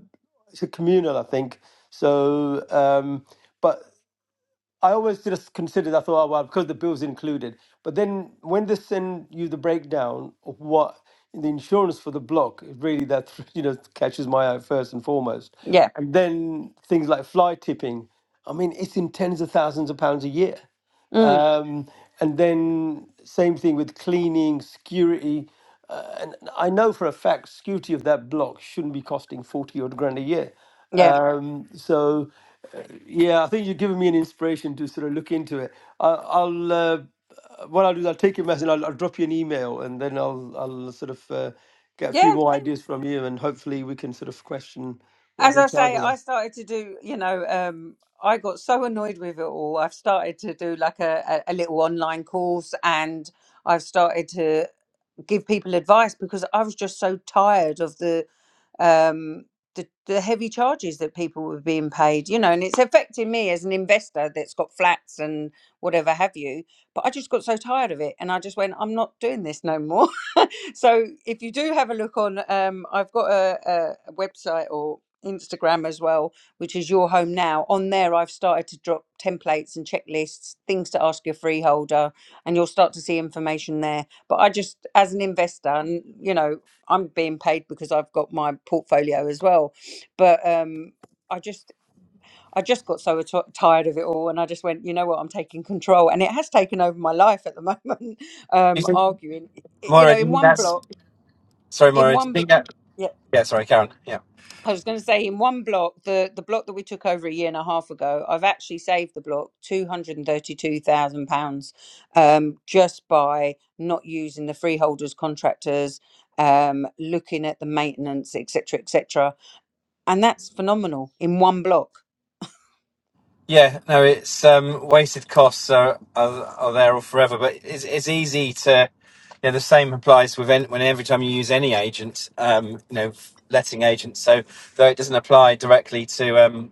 it's a communal i think so um but I always just considered, I thought, oh, well, because the bill's included. But then when they send you the breakdown of what the insurance for the block, it really that, you know, catches my eye first and foremost.
Yeah.
And then things like fly tipping, I mean, it's in tens of thousands of pounds a year.
Mm.
Um, and then same thing with cleaning, security. Uh, and I know for a fact security of that block shouldn't be costing 40 odd grand a year.
Yeah.
Um, so, uh, yeah, I think you've given me an inspiration to sort of look into it. I, I'll uh, what I'll do is I'll take your message. I'll, I'll drop you an email, and then I'll I'll sort of uh, get a few
Yeah.
more ideas from you, and hopefully we can sort of question what
As
they're
I say,
charging
I
us.
started to do, you know, um, I got so annoyed with it all. I've started to do like a, a a little online course and I've started to give people advice because I was just so tired of the um, the, the heavy charges that people were being paid, you know, and it's affecting me as an investor that's got flats and whatever have you. But I just got so tired of it and I just went, I'm not doing this no more. so if you do have a look on, um, I've got a, a, a website or Instagram as well, which is Your Home Now. On there, I've started to drop templates and checklists, things to ask your freeholder, and you'll start to see information there. But I just, as an investor, and you know, I'm being paid because I've got my portfolio as well. But um, I just I just got so t- tired of it all, and I just went, you know what, I'm taking control, and it has taken over my life at the moment.
you
Um,
think,
arguing, Y- you
Moira?
know,
Do you
in
think
one
that's
block,
sorry,
in
Moira? Do you
one
think
block,
that?
yeah.
Yeah, sorry, Karen. Yeah.
I was going to say in one block, the, the block that we took over a year and a half ago, I've actually saved the block two hundred and thirty two thousand pounds um, just by not using the freeholders contractors, um, looking at the maintenance, etc., etc And that's phenomenal in one block.
Yeah, no, it's um, wasted costs are, are are there all forever, but it's it's easy to, you know, the same applies with any, when every time you use any agent, um, you know, letting agents. So though it doesn't apply directly to um,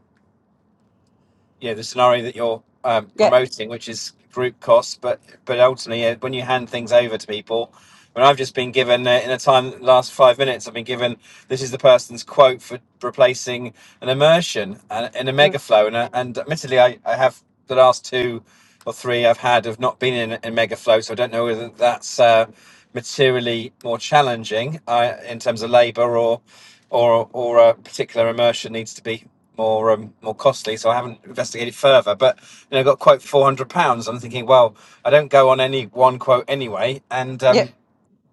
yeah the scenario that you're um,
Yeah.
promoting, which is group costs. But but ultimately, yeah, when you hand things over to people, when I've just been given uh, in a time last five minutes, I've been given this is the person's quote for replacing an immersion and in a
Mm.
mega flow, and I- and admittedly, I, I have the last two or three I've had have not been in in mega flow, so I don't know whether that's uh, materially more challenging uh, in terms of labour or or or a particular immersion needs to be more um, more costly, so I haven't investigated further. But you know, I got a quote for four hundred pounds. I'm thinking, well, I don't go on any one quote anyway, and
Yeah.
um,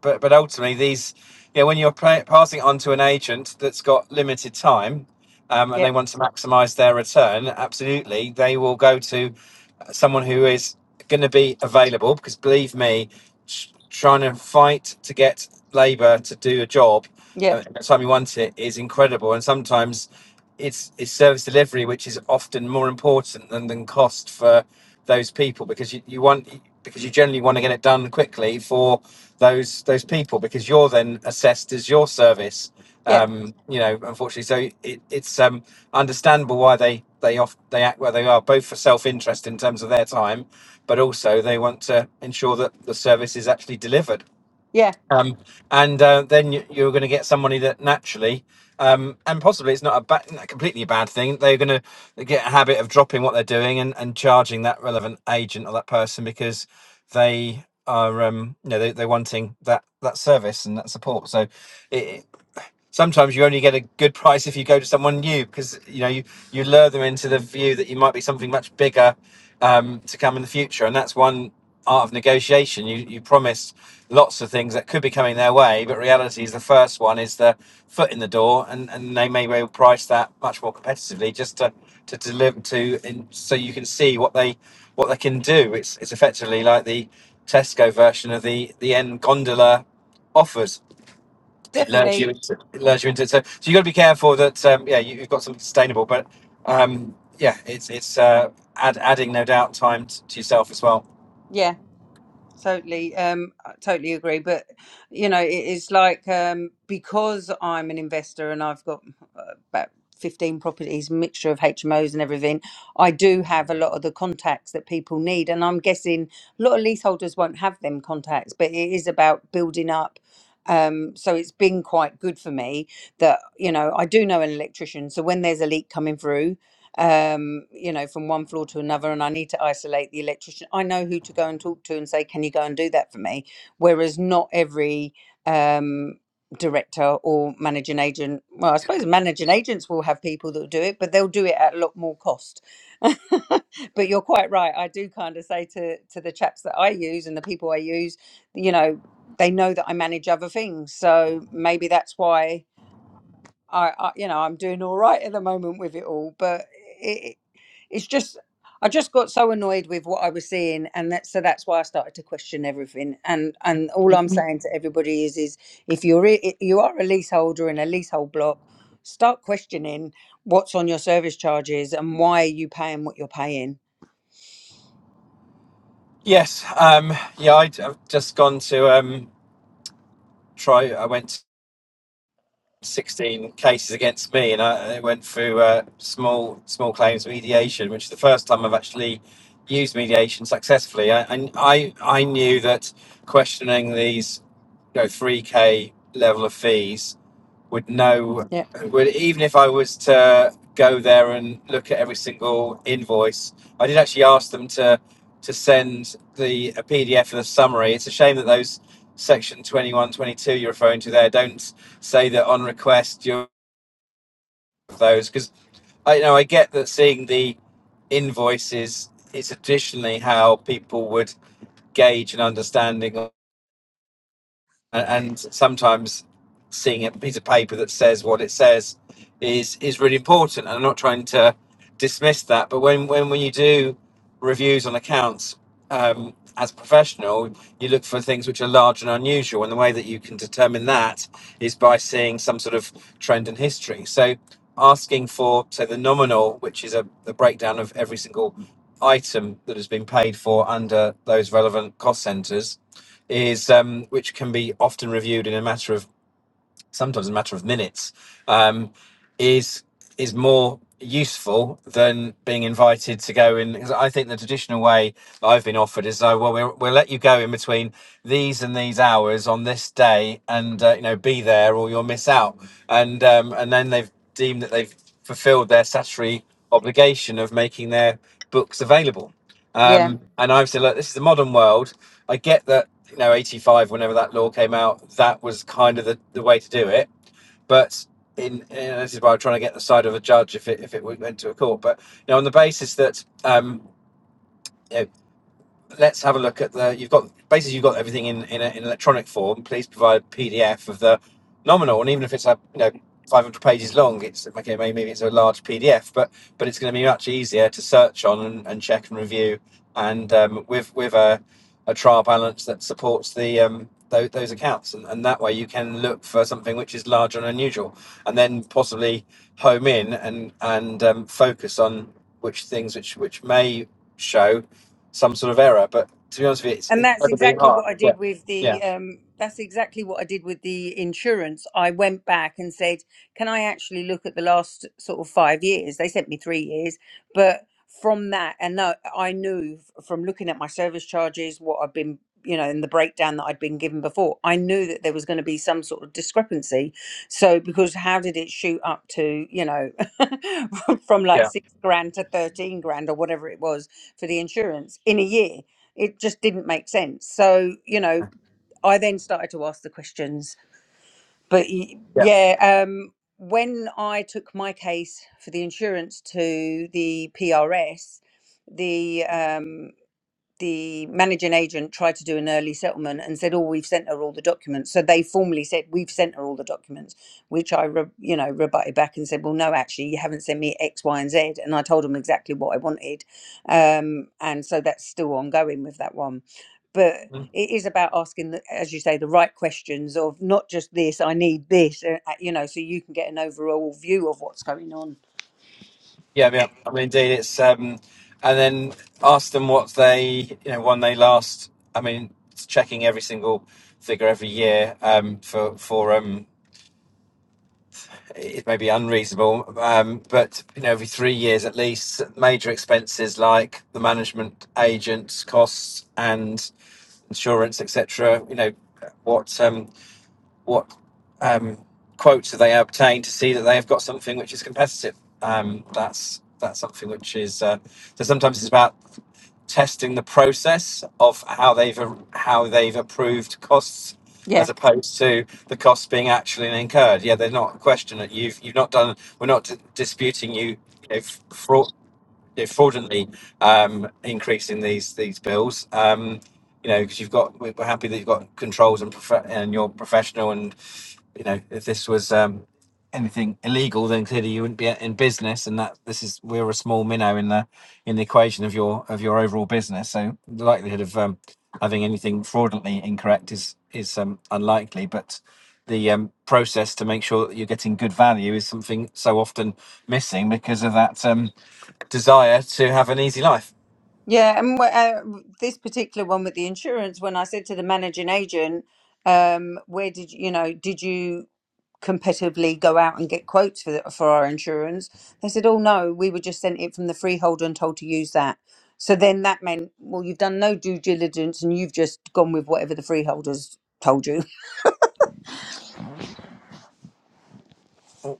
but but ultimately these, you know, when you're pla passing it on to an agent that's got limited time, um, and
Yeah.
they want to maximise their return, absolutely, they will go to uh, someone who is going to be available. Because believe me, tr- trying to fight to get labour to do a job
Yeah.
uh, every time you want it is incredible. And sometimes it's it's service delivery, which is often more important than, than cost for those people because you, you want because you generally want to get it done quickly for those those people because you're then assessed as your service.
Yeah.
Um, you know, unfortunately, so it, it's um, understandable why they they off they act where they are, both for self interest in terms of their time, but also they want to ensure that the service is actually delivered
Yeah.
um, and uh, then you, you're going to get somebody that naturally, um, and possibly it's not a ba- not completely a bad thing. They're going to get a habit of dropping what they're doing and, and charging that relevant agent or that person because they are, um, you know, they, they're wanting that that service and that support. So, it, sometimes you only get a good price if you go to someone new because you know you you lure them into the view that you might be something much bigger um, to come in the future, and that's one art of negotiation. You you promise lots of things that could be coming their way, but reality is the first one is the foot in the door, and, and they may well price that much more competitively just to to deliver to, and so you can see what they what they can do. It's it's effectively like the Tesco version of the the end gondola offers it lures you
Definitely.
into it lures you into it. So, so you got to be careful that um, yeah you, you've got something sustainable, but um, yeah, it's it's uh, add, adding no doubt time t- to yourself as well.
Yeah. totally um I totally agree but you know it is like um because i'm an investor and i've got uh, about 15 properties mixture of hmos and everything i do have a lot of the contacts that people need and i'm guessing a lot of leaseholders won't have them contacts but it is about building up um so it's been quite good for me that you know i do know an electrician so when there's a leak coming through um, you know, from one floor to another, and I need to isolate the electrician. I know who to go and talk to and say, "Can you go and do that for me?" Whereas not every um, director or managing agent, well, I suppose managing agents will have people that will do it, but they'll do it at a lot more cost. but you're quite right. I do kind of say to to the chaps that I use and the people I use, you know, they know that I manage other things, so maybe that's why I, I you know I'm doing all right at the moment with it all, but it, it's just I just got so annoyed with what I was seeing, and that so that's why I started to question everything. And and all I'm saying to everybody is is if you're i- i- you are a leaseholder in a leasehold block, start questioning what's on your service charges and why are you paying what you're paying.
Yes, um, yeah, i have just gone to um, try. I went to 16 cases against me, and I, I went through uh, small small claims mediation, which is the first time I've actually used mediation successfully. I I I I knew that questioning these you know 3k level of fees would know
Yeah,
would even if I was to go there and look at every single invoice, I did actually ask them to to send the a PDF of the summary. It's a shame that those section twenty you're referring to there don't say that on request you those because I you know I get that seeing the invoices is traditionally how people would gauge an understanding a- and sometimes seeing a piece of paper that says what it says is is really important. And I'm not trying to dismiss that, but when when, when you do reviews on accounts um, as a professional, you look for things which are large and unusual, and the way that you can determine that is by seeing some sort of trend and history. So asking for say the nominal, which is a the breakdown of every single item that has been paid for under those relevant cost centers is um, which can be often reviewed in a matter of sometimes a matter of minutes um, is is more useful than being invited to go in because I think the traditional way that I've been offered is oh well we'll, we'll let you go in between these and these hours on this day and uh, you know be there or you'll miss out and um, and then they've deemed that they've fulfilled their statutory obligation of making their books available
yeah.
um, and I've said, look, this is the modern world. I get that, you know, 85, whenever that law came out, that was kind of the, the way to do it. But in, in this is why I'm trying to get the side of a judge if it, if it went to a court. But, you know, on the basis that um, you know, let's have a look at the you've got basically you've got everything in in, a, in electronic form please provide a pdf of the nominal and even if it's a you know 500 pages long it's okay maybe it's a large pdf but but it's going to be much easier to search on and, and check and review and um, with with a, a trial balance that supports the um those, those accounts and, and that way you can look for something which is large and unusual and then possibly home in and and um, focus on which things which which may show some sort of error. But to be honest with you, it's
And that's
incredibly
exactly
hard.
what I did with
Yeah,
the um that's exactly what I did with the insurance. I went back and said, "Can I actually look at the last sort of 5 years?" They sent me 3 years, but from that and no, I knew f- from looking at my service charges what I've been you know, in the breakdown that I'd been given before, I knew that there was going to be some sort of discrepancy. So, because how did it shoot up to, you know, from like
yeah,
six grand to 13 grand or whatever it was for the insurance in a year? it just didn't make sense. So, you know, I then started to ask the questions. But y-
yeah,
yeah, um, when I took my case for the insurance to the PRS, the um, the managing agent tried to do an early settlement and said, "Oh, we've sent her all the documents." So they formally said, "We've sent her all the documents," which I, re- you know, rebutted back and said, "Well, no, actually, you haven't sent me X, Y, and Z," and I told them exactly what I wanted, um, and so that's still ongoing with that one. But
Mm.
it is about asking, the, as you say, the right questions of not just this. I need this, uh, uh, you know, so you can get an overall view of what's going on.
yeah, yeah. I mean, indeed, it's um, and then ask them what they, you know, when they last. I mean, it's checking every single figure every year um, for for um, it may be unreasonable, um, but you know, every three years at least, major expenses like the management agents costs and insurance, etc. You know, what um, what um, quotes have they obtained to see that they have got something which is competitive. Um, that's that's something which is uh, so sometimes it's about testing the process of how they've how they've approved costs
Yeah.
as opposed to the costs being actually incurred. Yeah, they're not a question that you've you've not done. We're not d- disputing you if fraud. you Fraudulently um, increasing these these bills, um, you know, because you've got we're happy that you've got controls and prof- and you're professional you know, if this was um, anything illegal, then clearly you wouldn't be in business, and that this is we're a small minnow in the in the equation of your of your overall business. So the likelihood of um, having anything fraudulently incorrect is is um, unlikely, but the um, process to make sure that you're getting good value is something so often missing because of that um, desire to have an easy life.
Yeah, and wh- uh, this particular one with the insurance, when I said to the managing agent, um, "Where did you, you know? Did you competitively go out and get quotes for the, for our insurance?" They said, "Oh no, we were just sent it from the freeholder and told to use that." So then that meant, well, you've done no due diligence and you've just gone with whatever the freeholders told you.
Oh,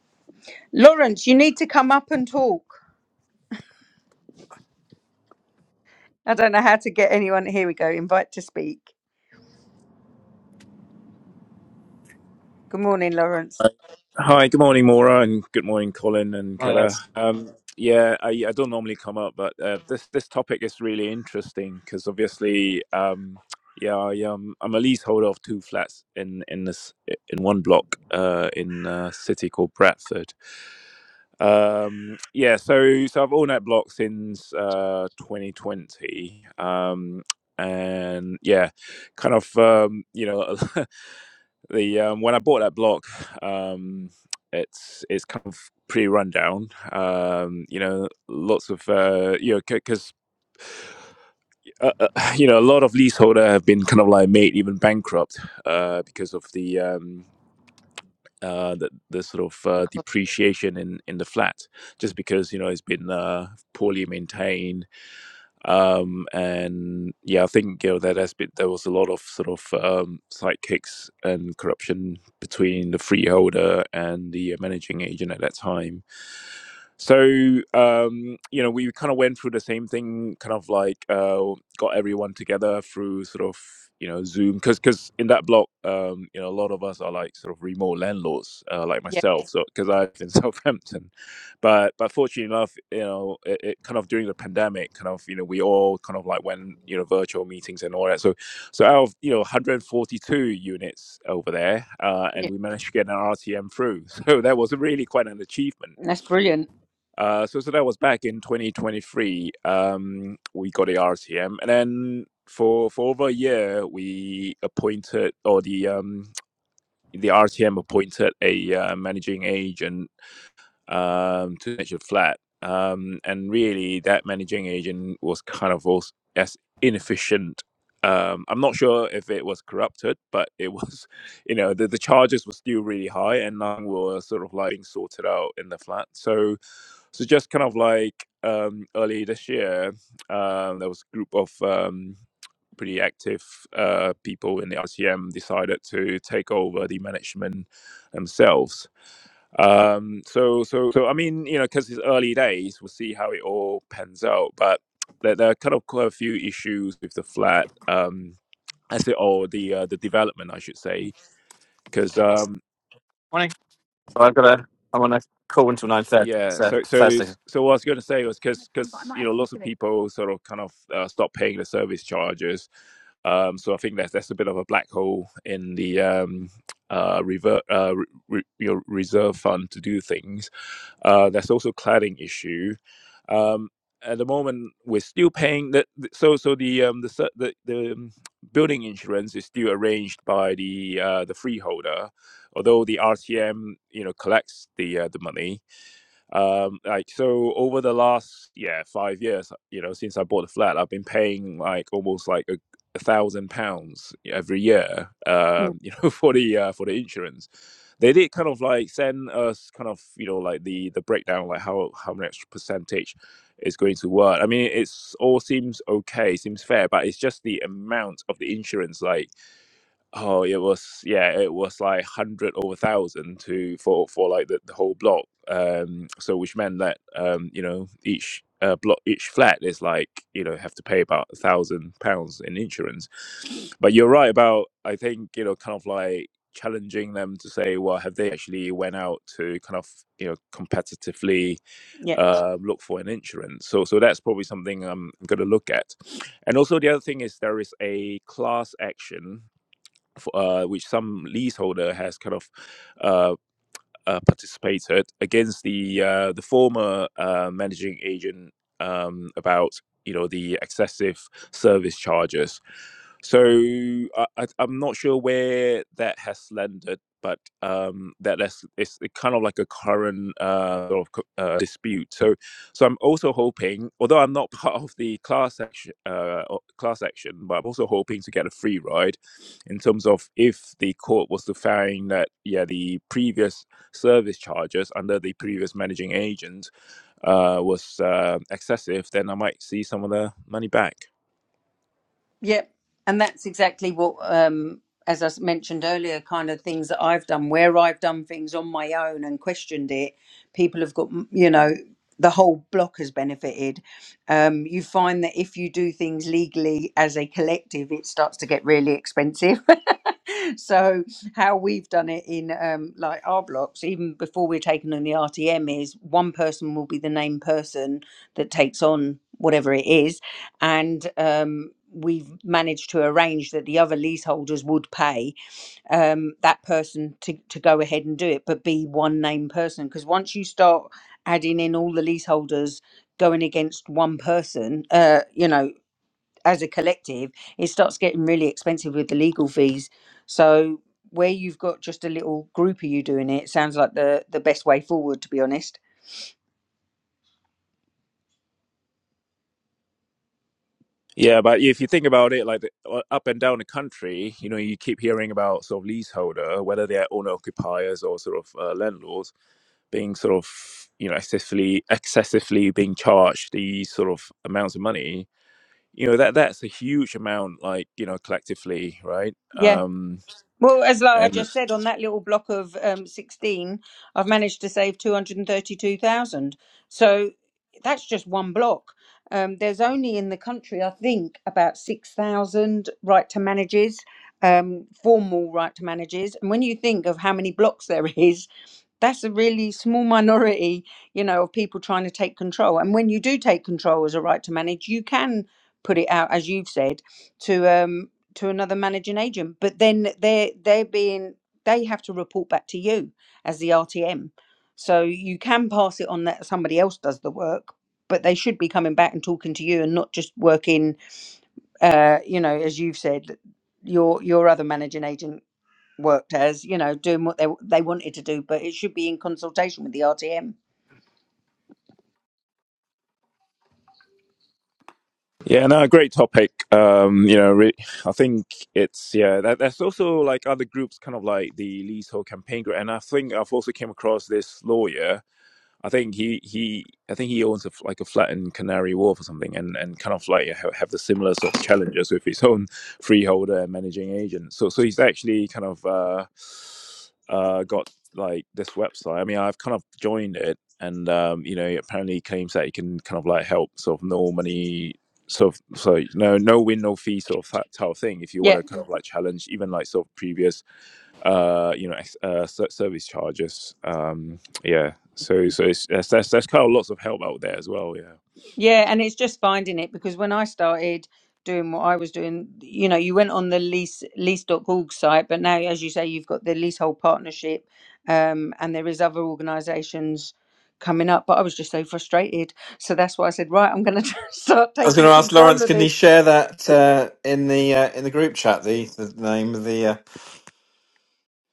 Lawrence, you need to come up and talk. I don't know how to get anyone. Here we go. Invite to speak. Good morning, Lawrence.
Hi, good morning, Maura, and good morning, Colin and
one of
Kara.
those.
Um, yeah, I, I don't normally come up, but uh, this this topic is really interesting because obviously, um, yeah, I, um, I'm a leaseholder of two flats in in this in one block uh, in a city called Bradford. Um, yeah, so so I've owned that block since uh, 2020. Um, and yeah, kind of um, you know the um, when I bought that block, um, it's it's kind of pretty rundown. Um, you know, lots of uh, you know because uh, uh, you know a lot of leaseholder have been kind of like made even bankrupt uh, because of the. Um, uh, the, the sort of uh,
Because
depreciation in, in the flat, just because you know it's been uh, poorly maintained, um and yeah i think you know that has been there was a lot of sort of um sidekicks and corruption between the freeholder and the uh, managing agent at that time so um you
Yeah.
know we kind of went through the same thing kind of like uh got everyone together through sort of you know zoom because because in that block um you know a lot of us are like sort of remote landlords uh, like
yeah,
myself so because i live in southampton but but fortunately enough you know it, it kind of during the pandemic kind of you know we all kind of like went you know virtual meetings and all that so so out of you know 142 units over there uh, and
yeah,
we managed to get an rtm through so that was really quite an achievement
that's brilliant.
uh, so so that was back in 2023 um, we got the rtm and then for for over a year we appointed or the um the rtm appointed a uh, managing agent um, to manage your flat. Um, and really, that managing agent was kind of also as inefficient. Um, I'm not sure if it was corrupted, but it was, you know, the, the charges were still really high and none were sort of like being sorted out in the flat. So, so just kind of like um, early this year, um, there was a group of um, pretty active uh, people in the RCM decided to take over the management themselves um, so, so, so, I mean, you know, because it's early days, we'll see how it all pans out. But there, there are kind of quite a few issues with the flat, um, as it or the uh, the development, I should say, because um,
Morning. So I've got a. I'm on a call until nine thirty.
yeah.
So
So, so,
Thursday.
so, what I was going to say was because because you know, lots of people sort of kind of uh, stop paying the service charges. Um, so I think that's that's a bit of a black hole in the um, uh, revert, uh, re, re, you know, reserve fund to do things. Uh, there's also cladding issue. Um, at the moment, we're still paying that. So, so the um, the the, the um, building insurance is still arranged by the uh, the freeholder, although the RTM you know collects the uh, the money um like so over the last yeah five years you know since i bought the flat i've been paying like almost like a, a thousand pounds every year
Mm,
um you know for the uh, for the insurance they did kind of like send us kind of you know like the the breakdown like how how much percentage is going to work i mean it's all seems okay seems fair but it's just the amount of the insurance like Oh, it was yeah, it was like hundred over thousand to for for like the, the whole block. Um, so which meant that um, you know, each uh, block, each flat is like you know have to pay about a thousand pounds in insurance. But you're right about I think you know kind of like challenging them to say, well, have they actually went out to kind of you know competitively
Yeah,
uh, look for an insurance? So so that's probably something I'm going to look at. And also the other thing is there is a class action f- uh, which some leaseholder has kind of uh, uh, participated against the uh, the former uh, managing agent um, about you know the excessive service charges. So I, I, I'm not sure where that has landed, but um, that that's it's kind of like a current uh, sort of uh, dispute. So so I'm also hoping, although I'm not part of the class action uh, class action, but I'm also hoping to get a free ride in terms of if the court was to find that yeah the previous service charges under the previous managing agent uh, was uh, excessive, then I might see some of the money back.
Yep. And that's exactly what, um, as I s- mentioned earlier, kind of things that I've done, where I've done things on my own and questioned it, people have got, m- you know, the whole block has benefited. Um, you find that if you do things legally as a collective, it starts to get really expensive. so how we've done it in um, like our blocks even before we're taking on the rtm is one person will be the named person that takes on whatever it is and um, we've managed to arrange that the other leaseholders would pay um, that person to, to go ahead and do it but be one named person because once you start adding in all the leaseholders going against one person uh, you know as a collective, it starts getting really expensive with the legal fees. So where you've got just a little group of you doing it, sounds like the the best way forward, to be honest.
Yeah, but if you think about it, like the- uh, up and down the country, you know, you keep hearing about sort of leaseholder, whether they're owner occupiers or sort of uh, landlords. being sort of you know excessively excessively being charged these sort of amounts of money you know that that's a huge amount like you know collectively right
Yeah.
um
Well, as like I
and
just said, on that little block of um, 16, I've managed to save 232,000. So that's just one block. Um, there's only in the country, I think, about 6,000 right to manages, um, formal right to manages. And when you think of how many blocks there is, that's a really small minority, you know, of people trying to take control. And when you do take control as a right to manage, you can put it out, as you've said, to. um, to another managing agent but then they're they're being they have to report back to you as the rtm so you can pass it on that somebody else does the work but they should be coming back and talking to you and not just working uh you know as you've said your your other managing agent worked as you know doing what they they wanted to do but it should be in consultation with the rtm
yeah no great topic um you know re- i think it's yeah that that's also like other groups kind of like the leasehold campaign group and i think i've also came across this lawyer I think he he I think he owns a, f- like a flat in Canary Wharf or something, and and kind of like have, have the similar sort of challenges with his own freeholder and managing agent. So so he's actually kind of uh, uh, got like this website. I mean, I've kind of joined it, and um, you know, it apparently claims that he can kind of like help sort of no money. sort of so no no win no fee sort of that type of thing if you
Yeah.
want to kind of like challenge even like sort of previous uh you know ex- uh, ser- service charges Um, yeah. So so it's that's that's, that's kind of lots of help out there as well. Yeah.
Yeah, and it's just finding it because when I started doing what I was doing, you know, you went on the lease lease.org site, but now as you say, you've got the leasehold partnership, um, and there is other organisations coming up. But I was just so frustrated. So that's why I said, right, I'm gonna start
I was going
taking
to ask
control
Lawrence,
of
can he
this.
share that uh, in the uh, in the group chat? The, the name of the uh,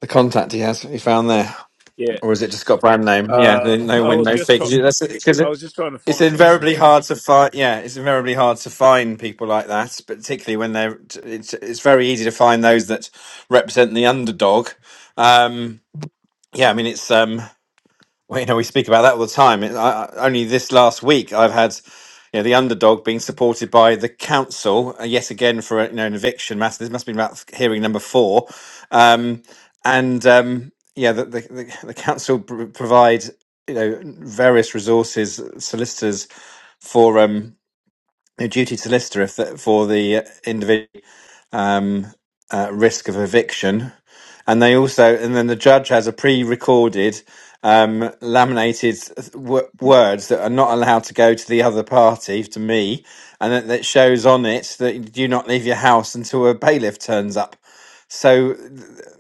the contact he has he found there, or
Yeah.
is it just got brand name? Yeah, the
Uh,
no
I
win
was
no
just
fee
try-
because
I was just trying to
it's
find it. Yeah.
invariably hard to find. Yeah, it's invariably hard to find people like that, particularly when they're. It's it's very easy to find those that represent the underdog. Um, yeah, I mean it's um. Well, you know, we speak about that all the time. It- I, I- only this last week, I've had you know the underdog being supported by the council uh, yet again for a, you know an eviction matter. This must be about hearing number four, um, and um, yeah, the the, the, the council pr- provide you know various resources, solicitors for um, a duty solicitor if the, for the individual um, uh, risk of eviction. And they also, and then the judge has a pre recorded, um, laminated w- words that are not allowed to go to the other party, to me, and that, that shows on it that you do not leave your house until a bailiff turns up. So,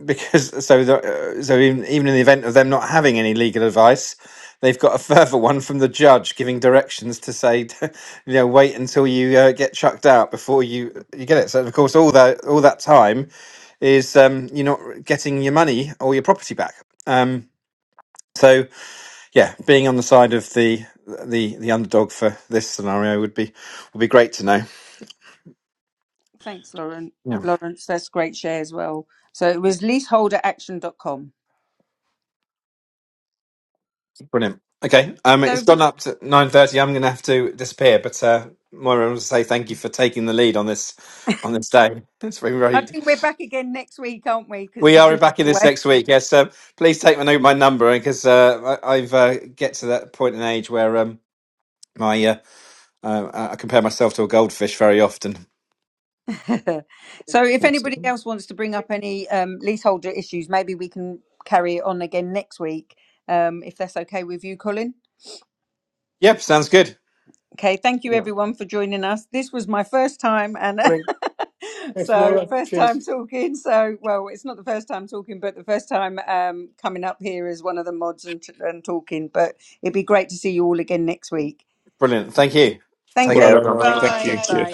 because so the, uh, so even, even in the event of them not having any legal advice, they've got a further one from the judge giving directions to say you know wait until you uh, get chucked out before you you get it so of course all that all that time is um you're not getting your money or your property back um so yeah being on the side of the the the underdog for this scenario would be would be great to know
Thanks, Lauren.
yeah
Lawrence, that's great share as well. So it was leaseholderaction dot com.
brilliant okay um it's
So
gone up to 9.30 i'm gonna have to disappear but uh Moira, I want to say thank you for taking the lead on this on this day. It's very,
I
very
think we're back again next week, aren't we? Because
We are
Patricia's
back in this
away.
next week. Yes, um, please take my note, my number, because uh, I- I've uh, get to that point in age where um, my uh, uh, I compare myself to a goldfish very often.
so if
Yes.
anybody else wants to bring up any um, leaseholder issues, maybe we can carry it on again next week, um, if that's okay with you, Colin.
Yep, sounds good.
Okay, thank you
Yeah.
everyone for joining us. This was my first time, and
Morning. Thanks,
so
Maura.
first
Cheers.
time talking. So well, it's not the first time talking, but the first time um, coming up here as one of the mods and, and talking. But it'd be great to see you all again next week.
Brilliant. Thank you.
Thank
Take
Well
care,
you.
done, all right.
everyone.
Thank
Bye.
you. Cheers.
Bye.